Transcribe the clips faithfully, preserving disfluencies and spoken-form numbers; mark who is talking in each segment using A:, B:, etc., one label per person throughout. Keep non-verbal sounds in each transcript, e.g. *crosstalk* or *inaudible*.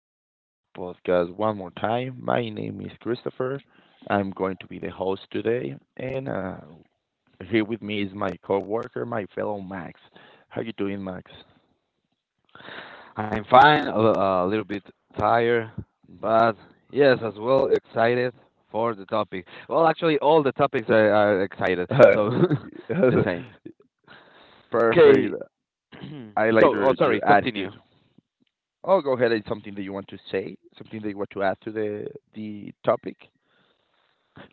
A: podcast, your podcast, one more time. My name is Christopher. I'm going to be the host today, and uh, here with me is my coworker, my fellow Max. How you doing, Max?
B: I'm fine, a, a little bit tired, but yes, as well excited for the topic. Well, actually, all the topics are, are excited, so
A: *laughs*
B: *laughs* the
A: Perfect.
B: same. Okay, *clears throat*
A: I like
B: so
A: your
B: oh, sorry,
A: your
B: continue.
A: attitude. Oh, go ahead. It's something that you want to say, something that you want to add to the the topic.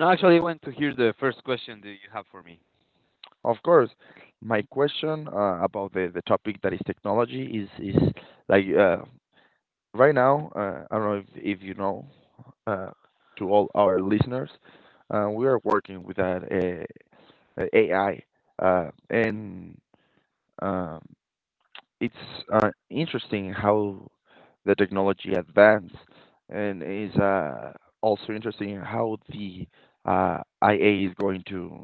B: No, actually, I want to hear the first question that you have for me.
A: Of course, my question uh, about the, the topic that is technology is is like uh, right now, uh, I don't know if, if you know, uh, to all our listeners, uh, we are working with that uh, uh, A I, uh, and um, it's uh, interesting how the technology advanced, and is uh, also interesting how the uh, I A is going to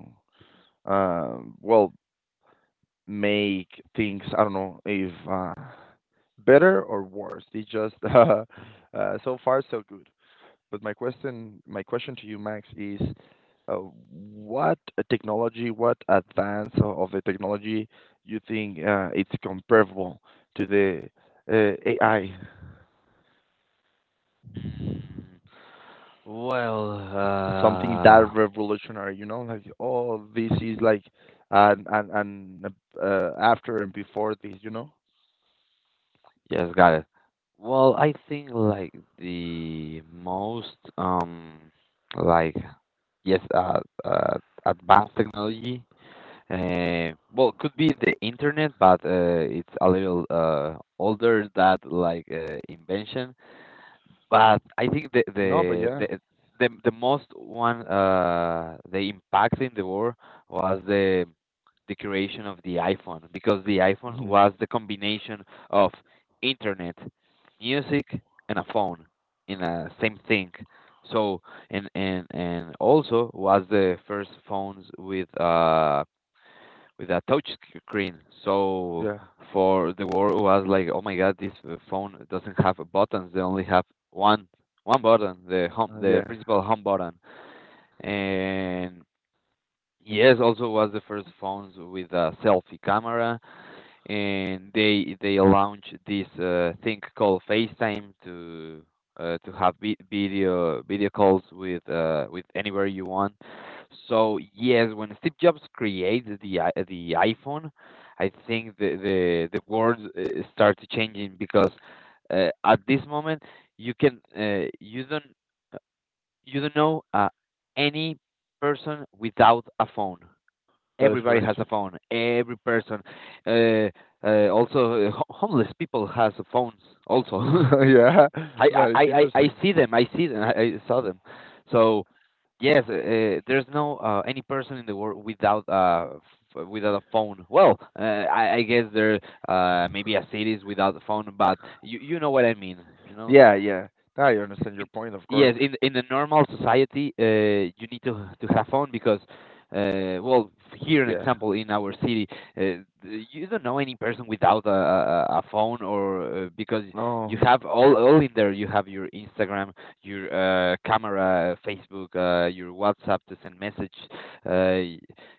A: uh, well make things. I don't know if uh, better or worse. It's just *laughs* uh, uh, so far so good. But my question, my question to you, Max, is uh, what technology, what advance o- of the technology you think uh, it's comparable to the uh, A I?
B: Mm, Well,
A: Something that
B: uh,
A: revolutionary, you know, like oh, this is like and and and uh, uh, after and before this, you know?
B: yes, got it. Well, I think like the most um like yes uh, uh advanced technology. Uh, well, could be the internet, but uh, it's a little uh, older that like uh, invention. But I think the
A: No, but
B: the
A: yeah.
B: the the, the most one, uh, the impact in the world was the the creation of the iPhone, because the
A: *laughs*
B: iPhone
A: Mhm.
B: was the combination of internet, music, and a phone in a same thing. So and and and also was the first phones with uh with a touch screen. So
A: Yeah,
B: for the world was like, oh my god, this uh, phone doesn't have buttons. They only have one one button, the home,
A: uh,
B: the
A: yeah,
B: principal home button. And yes, also was the first phones with a selfie camera, and they they launched this uh, thing called FaceTime to uh, to have vi- video video calls with uh, with anywhere you want. So yes, when Steve Jobs created the i- the iPhone, I think the the the world uh, started changing, because uh, at this moment you can uh, you don't uh, you don't know uh, any person without a phone.
A: that is
B: Everybody
A: correct.
B: has a phone. Every person, uh, uh, also uh, ho- homeless people has phones. Also,
A: *laughs* Yeah,
B: *laughs* I,
A: that is
B: I, I, I
A: interesting.
B: see them. I see them. I, I saw them. So yes, uh, uh, there's no uh, any person in the world without uh, f- without a phone. Well, uh, I, I guess there, uh, maybe a cities without a phone, but you you know what I mean. You know,
A: Yeah, yeah, I understand
B: in,
A: your point, of
B: yes,
A: course.
B: in in the normal society, uh, you need to to have fun because, uh, well, here an
A: Yeah.
B: example in our city, uh, th- you don't know any person without a a, a phone or uh, because you
A: No.
B: have all all in there. You have your Instagram, your uh, camera, Facebook, uh, your WhatsApp to send message. Uh,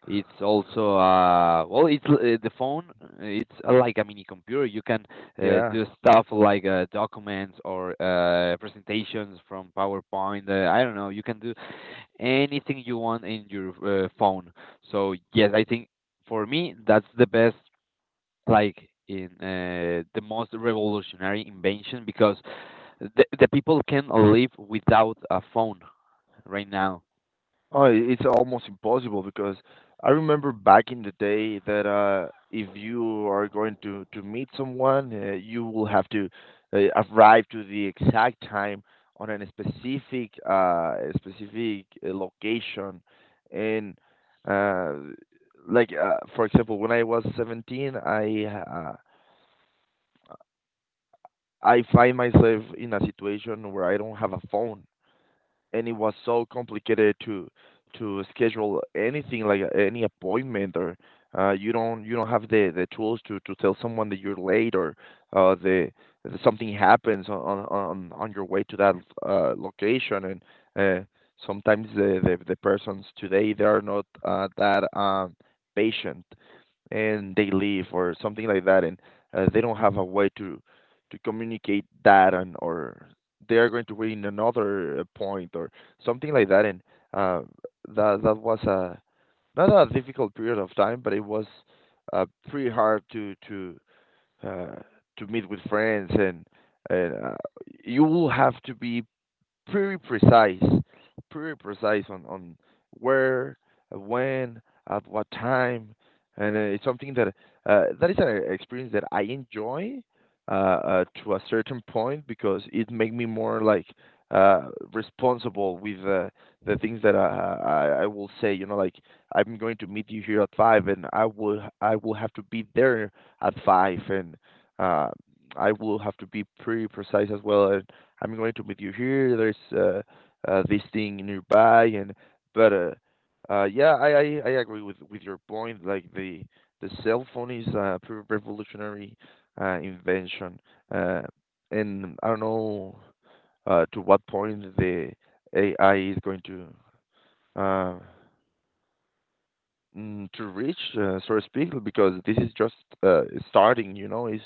B: it's also uh, well, it's l- uh, the phone. uh, It's uh, like a mini computer. You can uh,
A: Yeah.
B: do stuff like uh, documents or uh, presentations from PowerPoint. Uh, I don't know. You can do anything you want in your uh, phone. So yes, I think for me that's the best, like in uh, the most revolutionary invention because the the people can live without a phone right now.
A: Oh, I it's almost impossible because I remember back in the day that uh, if you are going to to meet someone, uh, you will have to uh, arrive to the exact time on a specific uh specific uh, location, and uh, like uh, for example, when I was seventeen, I uh, I find myself in a situation where I don't have a phone and it was so complicated to to schedule anything like uh, any appointment or uh, you don't you don't have the, the tools to, to tell someone that you're late or uh, the, that something happens on, on on on your way to that uh, location and uh, sometimes the, the, the persons today they are not uh, that um, patient and they leave or something like that and uh, they don't have a way to to communicate that and or they are going to win another uh, point or something like that and uh, that that was a not a difficult period of time but it was uh, pretty hard to to uh, to meet with friends and and uh, you will have to be pretty precise, pretty precise on on where, uh, when, at what time, and uh, it's something that uh, that is an experience that I enjoy uh, uh, to a certain point because it make me more like uh, responsible with uh, the things that I, I I will say. You know, like I'm going to meet you here at five, and I will I will have to be there at five, and uh, I will have to be pretty precise as well. And I'm going to meet you here. There's uh, uh, this thing nearby, and but uh, uh, yeah, I, I I agree with with your point. Like the the cell phone is a pre- revolutionary uh, invention, uh, and I don't know uh, to what point the A I is going to uh, mm, to reach uh, source people because this is just uh, starting, you know. Is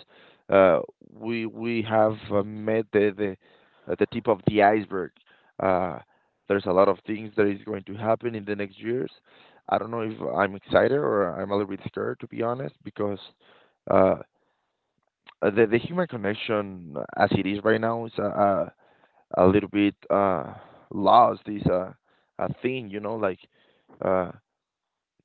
A: uh, we we have uh, met the the, uh, the tip of the iceberg. uh, there's a lot of things that is going to happen in the next years. I don't know if I'm excited or I'm a little bit scared to be honest because uh, the the human connection as it is right now is a, a, a little bit uh, lost. Is a, a thing, you know, like uh,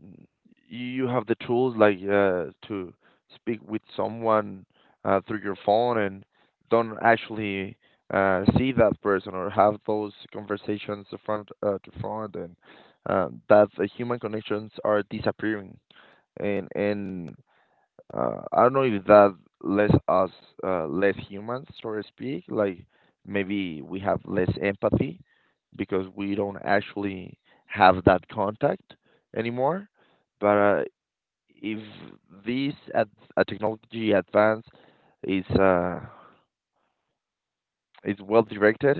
A: n- you have the tools like uh, to speak with someone uh, through your phone and don't actually uh, see that person or have those conversations to front uh, to front. And um, That the human connections are disappearing and and uh, I don't know if that lets us uh, less humans, so to speak. Like maybe we have less empathy because we don't actually have that contact anymore. But uh, if this ad- a technology advance is uh, is well directed,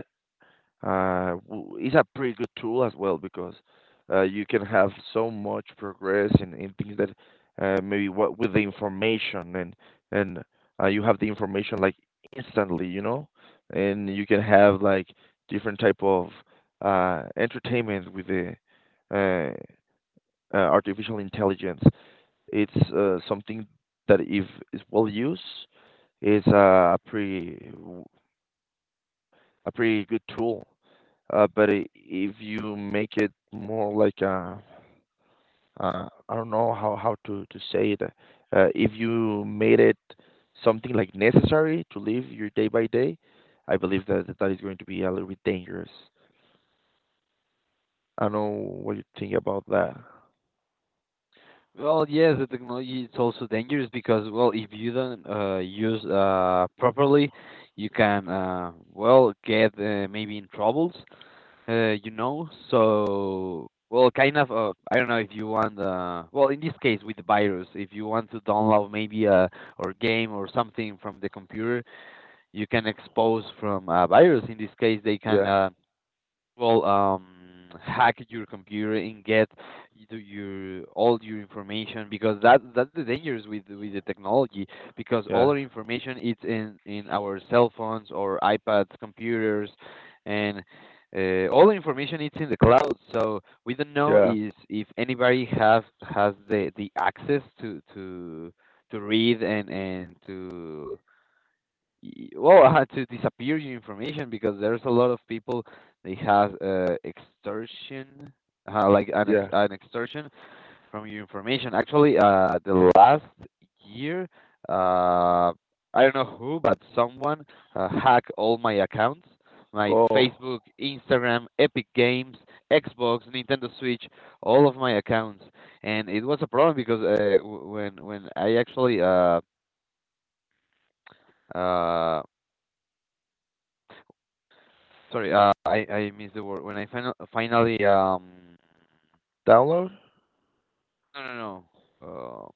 A: uh, w- it's a pretty good tool as well because uh, you can have so much progress in, in things that uh, maybe what with the information and and uh, you have the information like instantly, you know, and you can have like different type of uh, entertainment with the uh, uh, artificial intelligence. It's uh, something that if it's well used, is a pretty a pretty good tool. Uh, but I if you make it more like a, uh, I don't know how, how to, to say it. Uh, if you made it something like necessary to live your day by day, I believe that that is going to be a little bit dangerous. I don't know what you think about that.
B: Well, yes, the technology is also dangerous because, well, if you don't uh, use uh, properly, you can, uh, well, get uh, maybe in troubles, uh, you know. So, well, kind of, uh, I don't know if you want, uh, well, in this case with the virus, if you want to download maybe a or game or something from the computer, you can expose from a virus. In this case, they can.
A: Yeah,
B: Uh, well um Hack your computer and get y- the- your all your information, because that that's the dangers with with the technology, because all
A: yeah,
B: our information is in in our cell phones or iPads computers, and uh, all the information is in the cloud, so we don't know
A: yeah,
B: is if anybody have has the the access to to to read and and to y- well *laughs* I had to disappear your information because there's a lot of people they have uh, extortion, uh, like an ex-
A: yeah.
B: an extortion from your information. Actually, uh the last year, uh I don't know who, but someone uh, hacked all my accounts: my
A: Oh,
B: Facebook, Instagram, Epic Games, Xbox, Nintendo Switch, all of my accounts. And it was a problem because uh, w- when when I actually uh uh Sorry, uh, I I missed the word. When I final finally um
A: download?
B: no no no. Uh,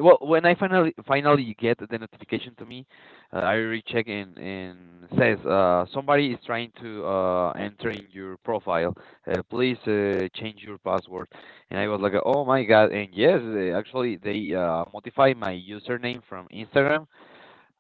B: well, when I finally finally get the notification to me, uh, I recheck, and and says, uh, somebody is trying to uh enter in your profile. Uh, please uh, change your password. And I was like, oh my god! And yes, uh, actually they uh modify my username from Instagram.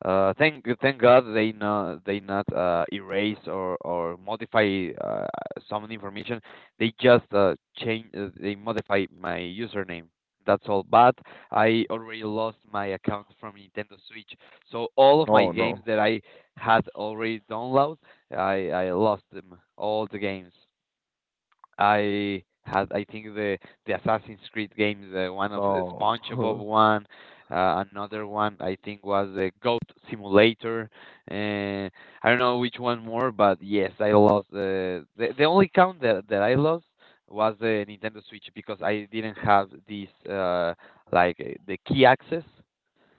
B: uh, thank Thank God they not they not uh, erase or or modify uh, some information. They just uh, change uh, they modify my username. That's all. But I already lost my account from Nintendo Switch, so all of my
A: No,
B: games
A: no,
B: that I had already downloaded, I I lost them, all the games. I had, I think the the Assassin's Creed games, uh, one of the
A: no.
B: SpongeBob
A: *laughs*
B: one, uh, another one I think was the Goat Simulator. Uh, I don't know which one more, but yes, I lost. Uh, the the only count that that I lost was the Nintendo Switch, because I didn't have this uh, like uh, the key access.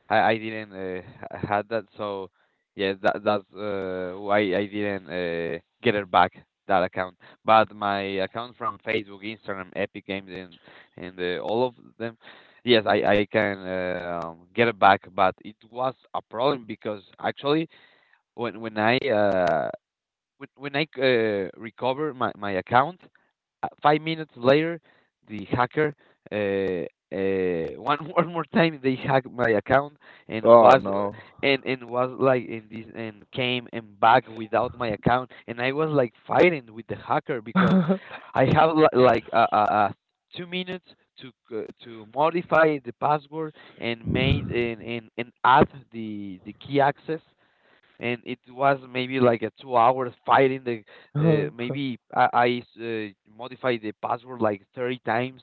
B: I I didn't uh, h- had that, so yeah, that that's uh, why I didn't uh, get it back that account. But my account from Facebook, Instagram, Epic Games, and and uh, all of them, yes, I I can uh, um, get it back. But it was a problem because actually when when I uh, when when I uh, recover my my account, uh, five minutes later, the hacker uh, uh, one *laughs* one more time they hacked my account. and
A: Oh,
B: was
A: no.
B: and and was like in this and came and back without my account, and I was like fighting with the hacker because
A: *laughs*
B: I have li- like uh, uh, uh, two minutes to c- to modify the password and made and, and, and add the the key access. And it was maybe like a two hours fighting the uh, maybe i, I uh, modified the password like thirty times,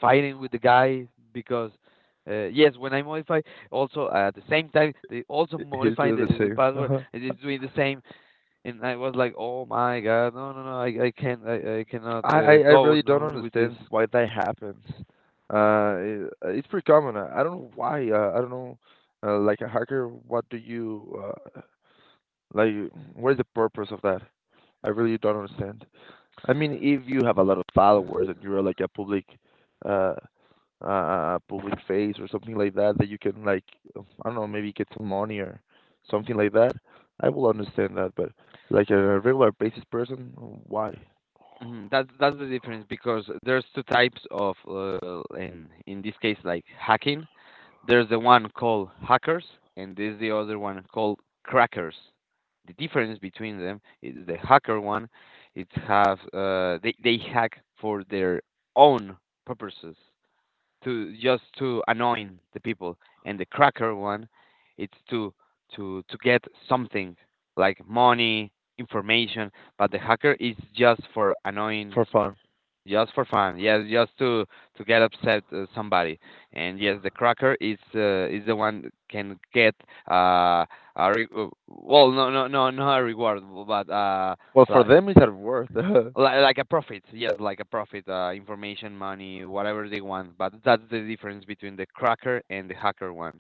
B: fighting with the guy, because uh, yes, when I modify, also at the same time they also
A: He's
B: modify
A: doing
B: the,
A: the
B: the
A: same.
B: password,
A: *laughs*
B: and it's doing the same. And I was like, oh my god, no no no i, I can't, I, I cannot
A: I I
B: uh,
A: I
B: go
A: really don't
B: on with this.
A: understand why that happens. Uh, it, it's pretty common. I, I don't know why. Uh, I don't know. Uh, like a hacker, what do you uh, like? What is the purpose of that? I really don't understand. I mean, if you have a lot of followers and you're like a public, uh, uh, public face or something like that, that you can like, I don't know, maybe get some money or something like that. I will understand that, but like a regular basis person, why?
B: Hmm. That's that's the difference because there's two types of uh, in in this case like hacking. There's the one called hackers, and there's the other one called crackers. The difference between them is the hacker one, it have uh, they they hack for their own purposes, to just to annoying the people, and the cracker one, it's to to to get something like money, information, but the hacker is just for annoying,
A: For fun.
B: just for fun, yes, just to to get upset uh, somebody, and yes, the cracker is uh, is the one that can get uh, a re- uh, well, no, no, no, not a reward, but uh,
A: Well, for
B: like
A: them it's at worth. *laughs*
B: like, like a profit, yes, like a profit, uh, information, money, whatever they want. But that's the difference between the cracker and the hacker one.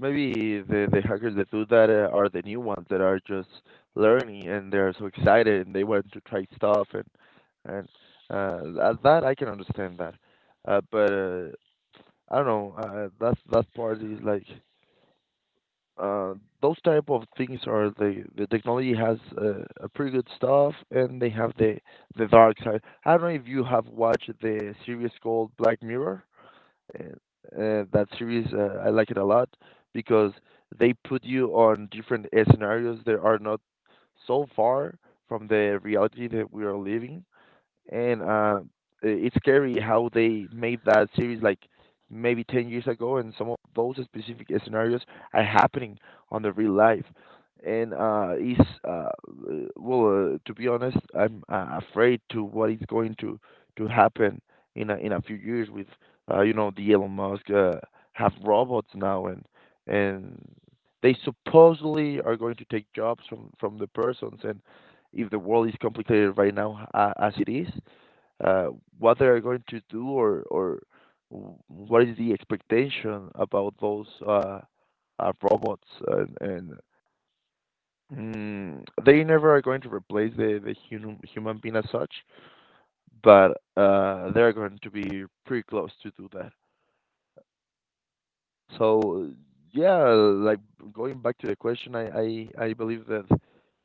A: Maybe the the hackers that do that uh, are the new ones that are just learning and they're so excited and they want to try stuff and and uh, that, that I can understand that. Uh, but uh, I don't know. Uh, that's that part is like uh, those type of things are the the technology has uh, a pretty good stuff and they have the the dark side. I don't know if you have watched the series called Black Mirror. And uh, that series, uh, I like it a lot because they put you on different uh, scenarios that are not so far from the reality that we are living and uh, I- it's scary how they made that series like maybe ten years ago and some of those specific scenarios are happening on the real life and uh is uh uh, well uh, to be honest I'm uh, afraid to what is going to to happen in a, in a few years with uh, you know the Elon Musk uh, have robots now and and they supposedly are going to take jobs from from the persons and if the world is complicated right now uh, as it is, uh, what they are going to do or or w- what is the expectation about those uh, uh, robots, and, and mm, they never are going to replace the, the human human being as such, but uh, they're going to be pretty close to do that. So yeah, like going back to the question, I I, I believe that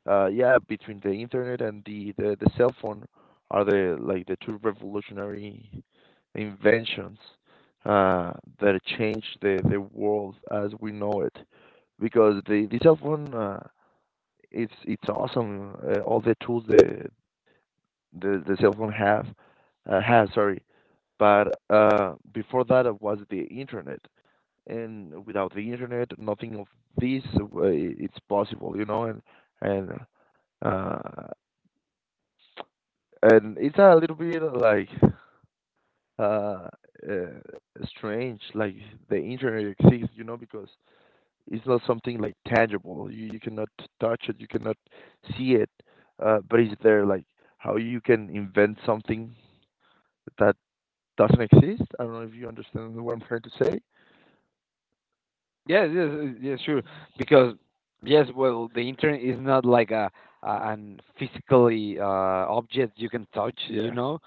A: uh, yeah, between the internet and the, the, the cell phone are the like the two revolutionary inventions uh, that changed the, the world as we know it. Because the, the cell phone uh, it's it's awesome, uh, all the tools the the, the cell phone have uh, has, sorry, but uh, before that it was the internet and without the internet, nothing of this uh, it's possible, you know, and and uh, and it's a little bit like uh, uh strange, like the internet exists, you know, because it's not something like tangible. You you cannot touch it, you cannot see it, uh, but it's there. Like how you can invent something that doesn't exist. I don't know if you understand what I'm trying to say.
B: Yes, yes, yes, yes, sure. Because yes, well, the internet is not like a, a an physically uh, object you can touch, you
A: Yeah,
B: know.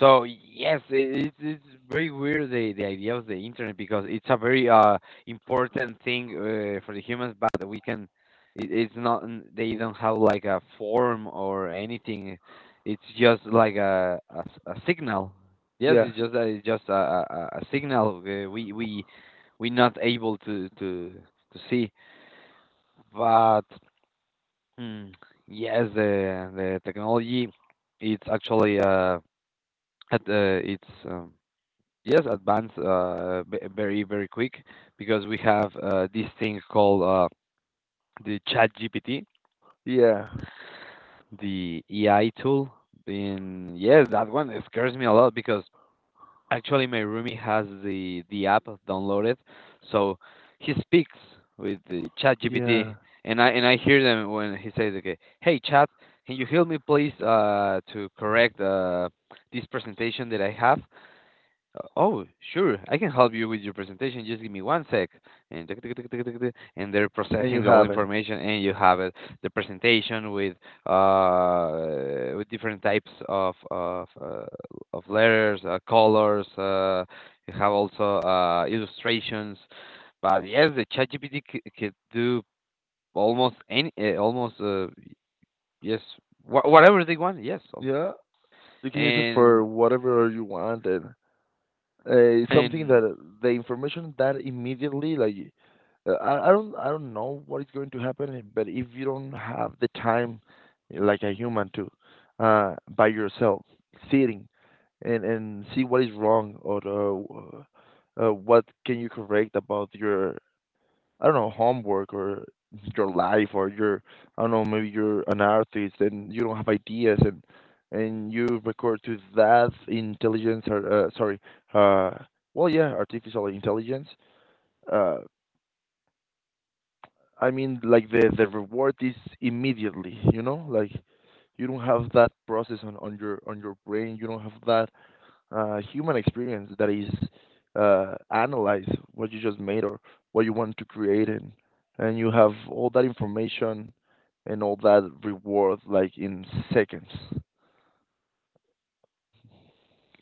B: So yes, it, it's it's very weird the the idea of the internet, because it's a very uh important thing uh, for the humans, but we can. It, it's not. n- They don't have like a form or anything. It's just like a a, s- a signal. Yes,
A: yeah,
B: it's just a, it's just a, a, a a signal. Uh, we we we're not able to to to see. But mm, yes, the the technology it's actually uh at uh, it's um, yes advanced uh b- very very quick, because we have uh, this thing called uh the Chat G P T,
A: yeah,
B: the A I tool. And yes, that one scares me a lot because actually my roomie has the the app downloaded, so he speaks with the ChatGPT,
A: yeah,
B: and I and I hear them when he says, "Okay, hey Chat, can you help me please uh to correct uh this presentation that I have?" Uh, oh, sure. I can help you with your presentation. Just give me one sec. And tick, tick, tick, tick, tick, tick, and they're
A: and you
B: processing all
A: have it.
B: information, and you have it, the presentation with uh with different types of of uh, of letters, uh, colors. Uh, you have also uh illustrations. But yes, the ChatGPT c- could do almost any, uh, almost uh, yes, wha whatever they want. Yes, so-
A: Yeah, you can use it for
B: and
A: whatever you want, and uh, it's something
B: and
A: that eh, the information that immediately, like, uh, I, I don't, I don't know what is going to happen, but if you don't have the time, like a human, to uh, by yourself, sitting and and see what is wrong or uh, uh, what can you correct about your I don't know, homework or your life or your I don't know, maybe you're an artist and you don't have ideas and and you record to that intelligence or uh, sorry, uh well yeah, artificial intelligence. Uh I mean like the the reward is immediately, you know? Like you don't have that process on, on your on your brain. You don't have that uh, human experience that is uh, analyze what you just made or what you want to create, and and you have all that information and all that reward like in seconds.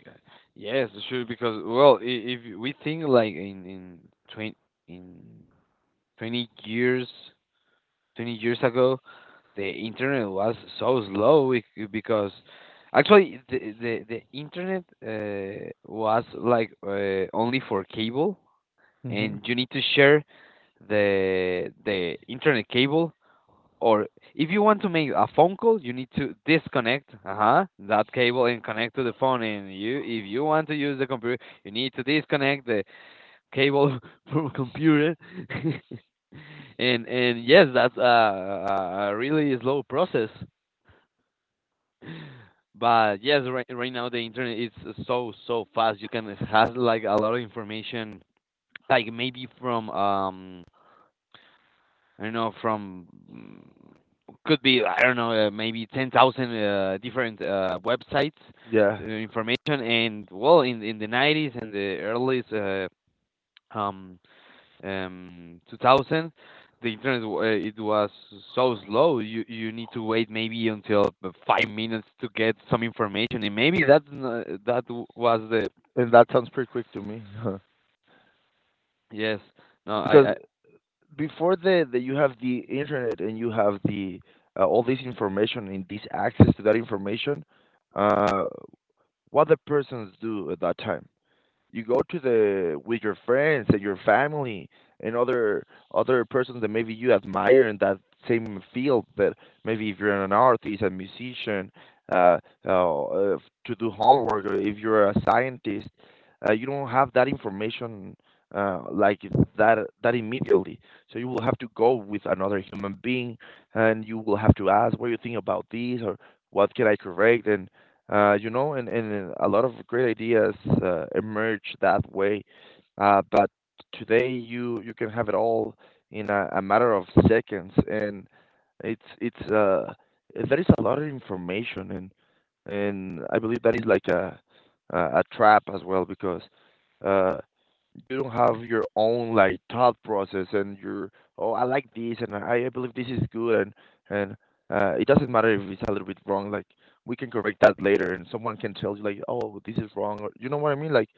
B: Yeah. Yes, sure. Because well, i- if we think like in in twenty in twenty years, twenty years ago, the internet was so slow, bec- because actually the the, the internet uh, was like uh, only for cable,
A: hmm
B: and you need to share the the internet cable. Or if you want to make a phone call, you need to disconnect uh-huh, that cable and connect to the phone. And you, if you want to use the computer, you need to disconnect the cable *laughs* from computer. *laughs* and and yes, that's a, a a really slow process. But yes, right, right now the internet is so so fast. You can have like a lot of information, like maybe from um I don't know from mm, could be I don't know uh, maybe ten thousand uh, different uh, websites,
A: yeah,
B: uh, information. And well, in in the nineties and the early uh, um um two thousand, the internet w- uh, it was so slow. You you need to wait maybe until uh, five minutes to get some information, and maybe that that was the
A: and that sounds pretty quick to me *laughs* Huh.
B: yes no
A: Because
B: I
A: before the, the you have the internet and you have the uh, all this information and this access to that information, uh, what the persons do at that time, you go to the with your friends and your family and other other persons that maybe you admire in that same field. That maybe if you're an artist, a musician, uh, uh, uh, to do homework, or if you're a scientist, uh, you don't have that information uh, like that that immediately. So you will have to go with another human being, and you will have to ask, what do you think about this, or what can I correct? And uh, you know, and, and a lot of great ideas uh, emerge that way. Uh, but today you you can have it all in a, a matter of seconds, and it's it's uh there is a lot of information, and and I believe that is like a a, a trap as well, because uh you don't have your own like thought process and your, oh I like this, and I, I believe this is good. And and uh, it doesn't matter if it's a little bit wrong, like we can correct that later and someone can tell you like, oh this is wrong, or you know what I mean, like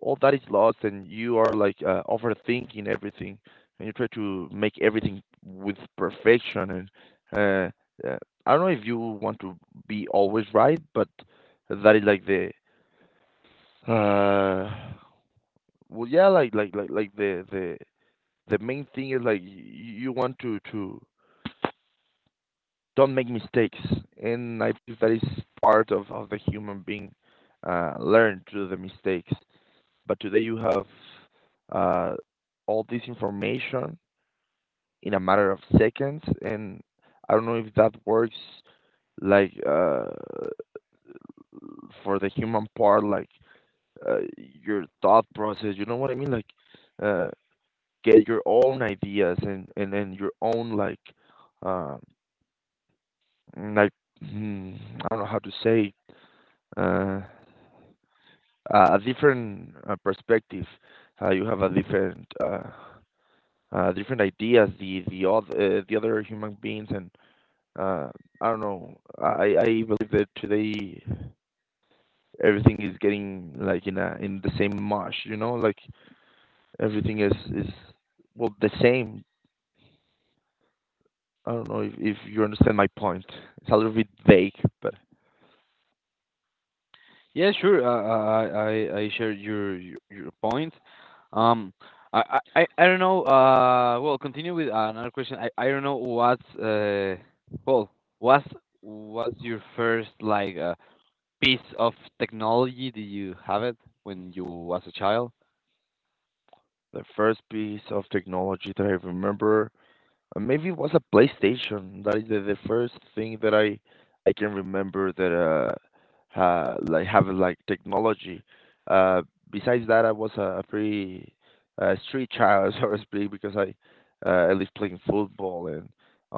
A: all that is lost, and you are like uh, overthinking everything and you try to make everything with perfection. And uh, uh, I don't know if you want to be always right. But that is like the uh well yeah like like like like the the the main thing is like, you, you want to to don't make mistakes. And I believe that is part of, of the human being, uh, learn through the mistakes. But today you have uh, all this information in a matter of seconds, and I don't know if that works like uh, for the human part, like uh, your thought process. You know what I mean? Like uh, get your own ideas and and and your own like uh, like hmm, I don't know how to say uh, a a different uh, perspective. Uh, you have a different uh, uh, different ideas the the other uh, the other human beings. And uh, I don't know. I I believe that today everything is getting like in a in the same mush. You know, like everything is is well the same. I don't know if, if you understand my point. It's a little bit vague, but
B: Yeah, sure. Uh, uh, I I I share your your your point. Um, I I I I don't know. Uh, well, continue with another question. I I don't know what's uh, well, what's what's your first like uh, piece of technology? Did you have it when you was a child?
A: the first piece of technology that I remember, Uh, maybe it was a PlayStation. That is the, the first thing that I I can remember that uh ha, like have like technology. Uh, Besides that, I was a, a pretty uh, street child, *laughs* so to speak, because I uh, I lived playing football and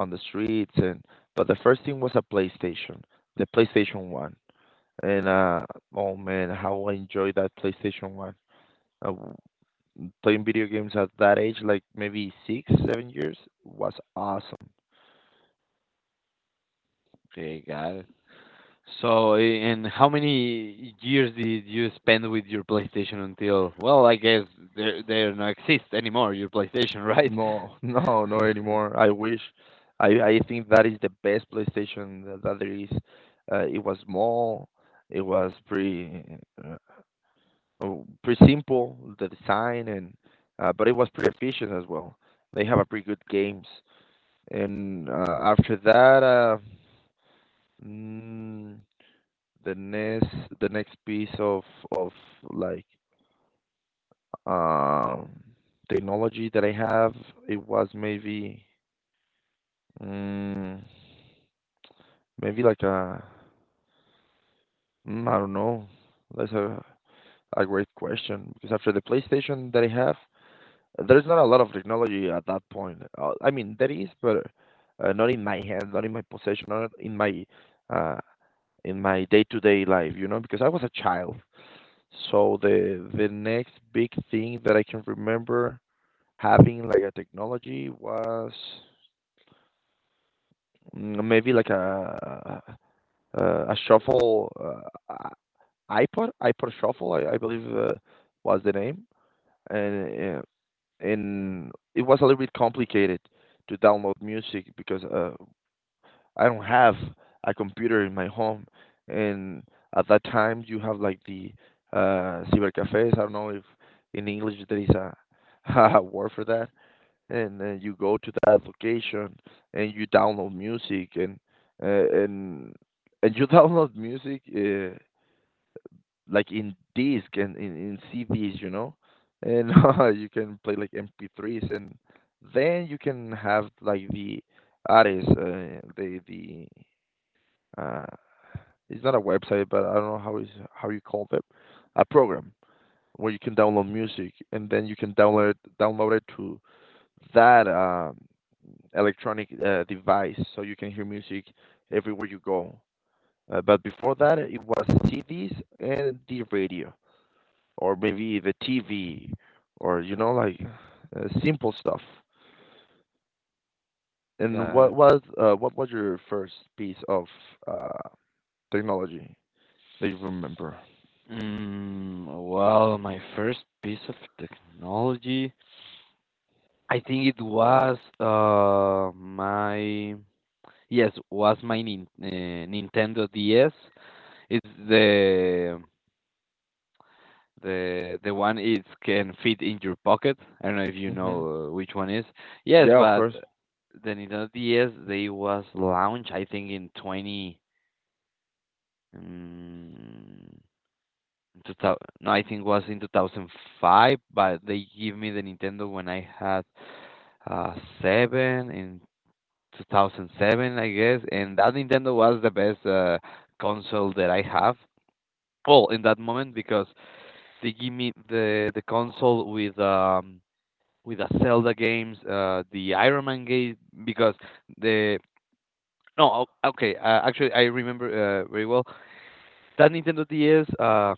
A: on the streets. And but the first thing was a PlayStation, the PlayStation One. And uh, oh man, how I enjoyed that PlayStation One. Uh, w- Playing video games at that age, like maybe six, seven years, was awesome.
B: Okay, got it. So, i- and how many years did you spend with your PlayStation until? Well, I guess they they don't exist anymore. Your PlayStation, right?
A: No, *laughs* no, not
B: *laughs*
A: anymore. I wish. I I think that is the best PlayStation that, that there is. Uh, it was small. It was pretty uh, oh, pretty simple the design. And uh, but it was pretty efficient as well. They have a pretty good games. And uh, after that, uh, mm, the next the next piece of of like um technology that I have, it was maybe. Mm, Maybe like a, mm, I don't know. That's a a great question, because after the PlayStation that I have, there's not a lot of technology at that point. Uh, I mean, there is, but uh, not in my hand, not in my possession, not in my uh, in my day-to-day life, you know, because I was a child. So the the next big thing that I can remember having like a technology was mm, maybe like a a, a shuffle. Uh, iPod, iPod Shuffle, I I believe, uh, was the name. And uh, and it was a little bit complicated to download music, because uh, I don't have a computer in my home, and at that time you have like the uh, cybercafes. I don't know if in English there is a, *laughs* a word for that. And uh, you go to that location and you download music. And uh, and and you *laughs* download music. Uh, like in disc and in, in C Ds, you know. And *laughs* uh, you can play like M P threes, and then you can have like the artist, uh, the the uh, it's not a website, but I don't know how is how you call it, a program where you can download music, and then you can download download it to that um, electronic uh, device, so you can hear music everywhere you go. Uh, but before that, it was C Ds and the radio, or maybe the T V, or you know like uh, simple stuff. And
B: Got
A: what
B: it.
A: was uh, what was your first piece of uh, technology that you remember?
B: Mm, well, my first piece of technology, I think it was uh my yes was my nin uh, Nintendo D S. It's the the the one, it can fit in your pocket. I don't know if you know
A: hmm
B: uh, which one is. Yes,
A: Yeah, of
B: but
A: course.
B: the Nintendo D S they was launched I think in twenty. Mm, in two thou- no, I think it was in two thousand five, but they give me the Nintendo when I had uh, seven in two thousand seven, I guess. And that Nintendo was the best uh, console that I have. Well, in that moment, because they give me the the console with um with the Zelda games, uh, the Iron Man game because the no o- okay uh, actually I remember uh, very well that Nintendo D S uh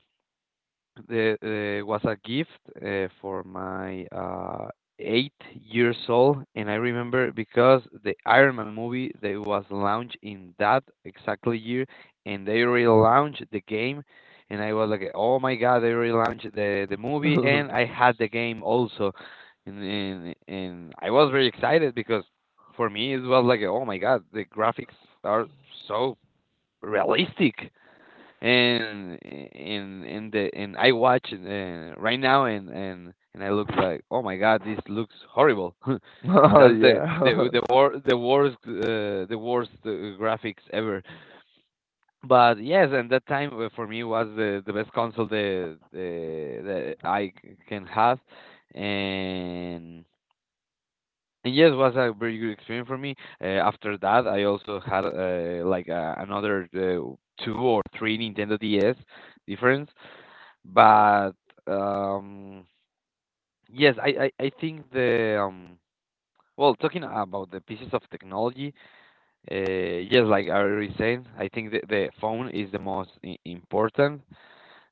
B: the uh, was a gift uh, for my uh, eight years old, and I remember because the Iron Man movie they was launched in that exactly year, and they relaunched the game, and I was like, oh my god, they relaunched the the movie, and
A: *laughs*
B: I had the game also, and and, and I was very excited because for me it was like, oh my god, the graphics are so realistic. And and and the and I watch uh, right now, and and and I look like, oh my god, this looks horrible. *laughs*
A: Oh,
B: That's the
A: yeah,
B: the the
A: *laughs*
B: wor- the worst uh, the worst uh, graphics ever. But yes, and that time, uh, for me was the the best console the the that I c- can have. And and yes, was a very good experience for me. Uh, after that, I also had uh, like uh, another uh, two or three Nintendo D S difference. But um, yes, I, I, I think the um, well, talking about the pieces of technology, uh, yes, like I already said, I think the, the phone is the most i- important,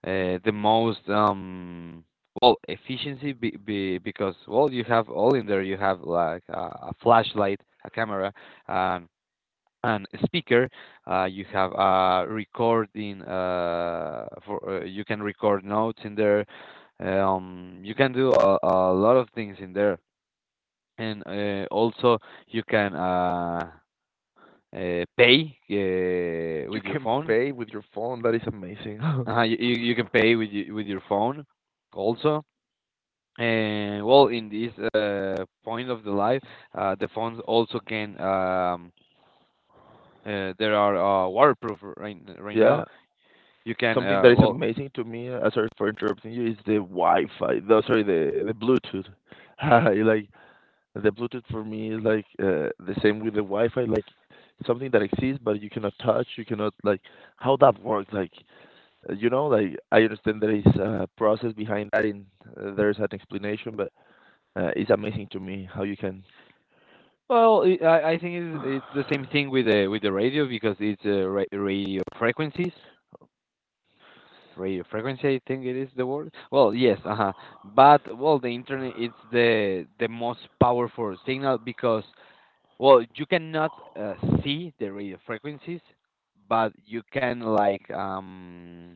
B: uh, the most um, well, efficiency be, be, because well, you have all in there. You have like a, a flashlight, a camera, and. And speaker. Uh, you have a recording uh, for uh, you can record notes in there. Um, you can do a, a lot of things in there, and uh, also you can uh, uh, pay uh,
A: you
B: with your
A: can
B: phone.
A: pay with your phone. That is amazing.
B: Uh, you, you you can pay with y- with your phone also. And well, in this uh, point of the life, uh, the phones also can. Um, uh, there are uh, waterproof right
A: *laughs*
B: right now.
A: Yeah,
B: You can
A: something that
B: uh,
A: is
B: well,
A: amazing to me. Uh, sorry for interrupting you. Is the Wi-Fi? The, sorry, the the Bluetooth. *laughs* Like the Bluetooth for me is like uh, the same with the Wi-Fi, like something that exists but you cannot touch, you cannot like how that works. Like uh, you know, like I understand there is a process behind that, and uh, there's an explanation, but uh, it's amazing to me how you can,
B: well, it, I I think it's it's the same thing with the with the radio because it's uh, ra radio frequencies, radio frequency. I think it is the word. Well, yes, uh-huh. But well, the internet it's the the most powerful signal because well, you cannot uh, see the radio frequencies, but you can like um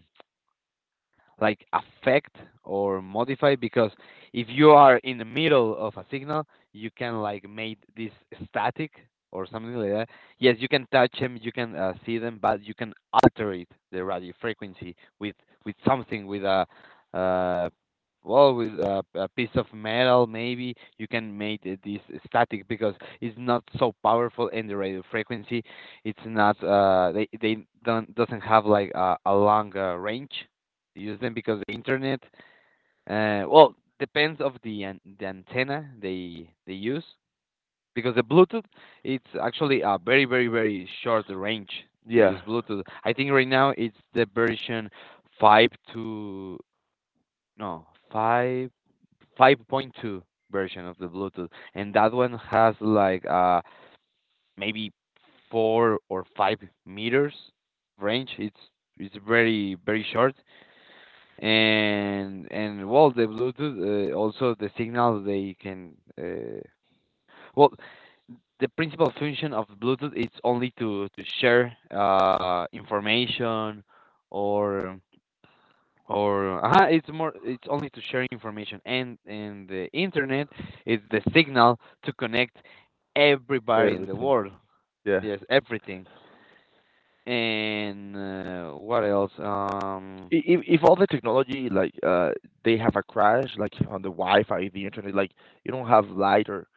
B: like affect or modify, because if you are in the middle of a signal, you can like make this static, or something like that. Yes, you can touch them, you can uh, see them, but you can alter it, the radio frequency, with with something, with a, uh, well, with a, a piece of metal, maybe you can make it this static, because it's not so powerful in the radio frequency. It's not uh they they don't doesn't have like a, a long uh, range use them, because the internet, uh, well, depends of the an- the antenna they they use. Because the Bluetooth, it's actually a very very very short range
A: *sighs*
B: to use
A: yeah,
B: Bluetooth. I think right now it's the version five to no five 5.2 version of the Bluetooth, and that one has like uh maybe four or five meters range. It's it's very very short, and and well, the bluetooth, uh, also the signals they can uh, well the principal function of bluetooth is only to to share uh information, or or uh, it's more, it's only to share information. and and the internet is the signal to connect everybody in the
A: everything,
B: world.
A: yeah.
B: Yes, everything. And uh, what else? Um,
A: I- If if all the technology like uh they have a crash like on the Wi-Fi, the internet, like you don't have light or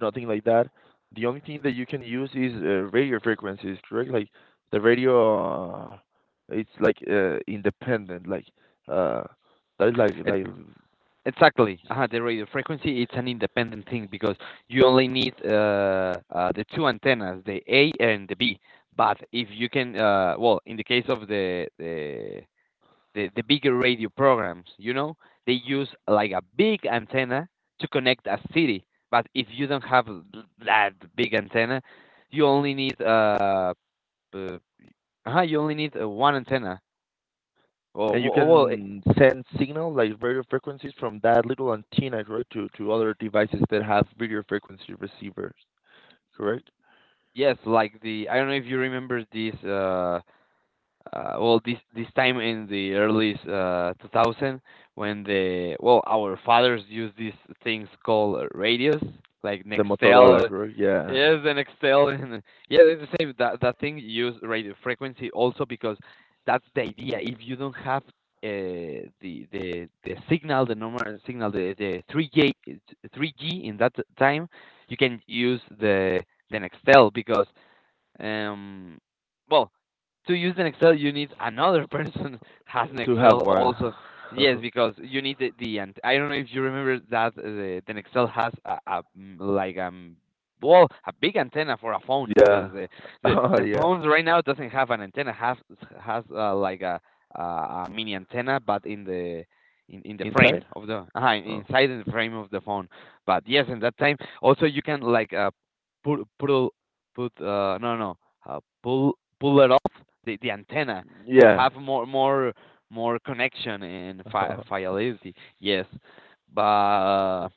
A: nothing like that. The only thing that you can use is uh, radio frequencies, correct? Like the radio, uh, it's like uh, independent, like uh, that is like
B: it
A: like,
B: exactly. Uh, the radio frequency, it's an independent thing because you only need uh, uh, the two antennas, the A and the B. But if you can, uh, well, in the case of the, the the the bigger radio programs, you know, they use like a big antenna to connect a city. But if you don't have th- that big antenna, you only need uh, uh uh you only need uh, one antenna. Well,
A: and you
B: well, well, eh,
A: can send signal like radio frequencies from that little antenna, correct, to to other devices that have radio frequency receivers, correct?
B: yes, like the, I don't know if you remember this uh uh, well, this this time in the early uh, two thousand, when the, well, our fathers used these things called uh, radios like
A: The Motorola,
B: Nextel.
A: correct? Yeah,
B: Yes, the Nextel, *laughs* and yeah, it's the same, that that thing used radio frequency also, because that's the idea. If you don't have uh, the the the signal, the normal signal, the the three G, three G in that time, you can use the the Nextel. Because um, well, to use an Excel, you need another person *laughs* has an
A: to have
B: Excel
A: one.
B: also.
A: *laughs*
B: Yes, because you need the, the and I don't know if you remember that uh, the, an Excel has a, a mm, like um well, a big antenna for a phone,
A: Yeah,
B: because the
A: *laughs*
B: the
A: oh,
B: the
A: yeah,
B: phones right now doesn't have an antenna, has has uh, like a, a a mini antenna, but in the in, in the
A: inside.
B: frame of the uh,
A: Oh,
B: inside in the frame of the phone. But yes, in that time also you can like uh, put put put uh no no uh, pull, pull it off the, the antenna to
A: yeah,
B: have more, more more connection and fi-
A: *laughs*
B: fidelity. Yes. but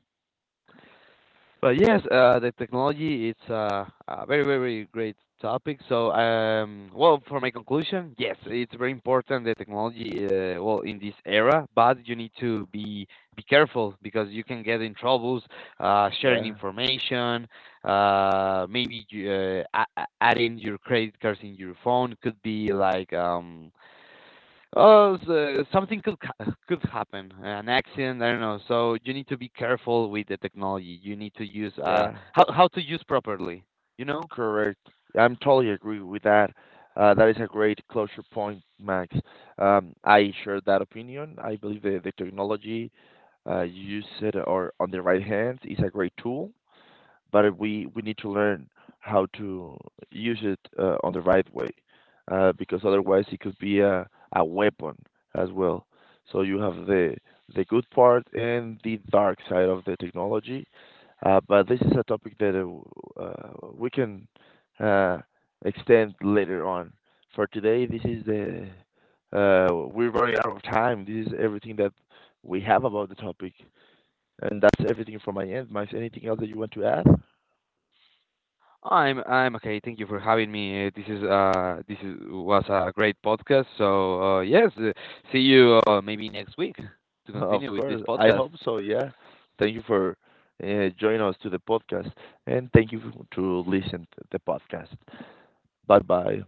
B: but yes, uh, the technology, it's uh, a very very great topic. So um, well, for my conclusion, yes, it's very important, the technology. Uh, well, in this era, but you need to be be careful, because you can get in troubles uh, sharing
A: yeah,
B: information. Uh, maybe you, uh, a- a- adding your credit cards in your phone could be like um, oh, so something could ha- could happen, an accident. I don't know. So you need to be careful with the technology. You need to use uh,
A: yeah.
B: how how to use properly. You know.
A: Correct. I'm totally agree with that. Uh, that is a great closure point, Max. Um, I share that opinion. I believe that the technology uh, you use it or on the right hands is a great tool, but we we need to learn how to use it uh, on the right way. Uh, because otherwise, it could be a a weapon as well. So you have the the good part and the dark side of the technology. Uh, but this is a topic that uh, w- uh, we can uh, extend later on. For today, this is the uh, we're running out of time. This is everything that we have about the topic, and that's everything from my end. Mike, anything else that you want to add?
B: I'm I'm okay. Thank you for having me. Uh, This is uh this is was a great podcast. So uh, yes, uh, see you uh, maybe next week to
A: Of
B: continue with this
A: course. I
B: podcast.
A: hope so. Yeah. Thank you for uh, joining us to the podcast, and thank you to listen to the podcast. Bye bye.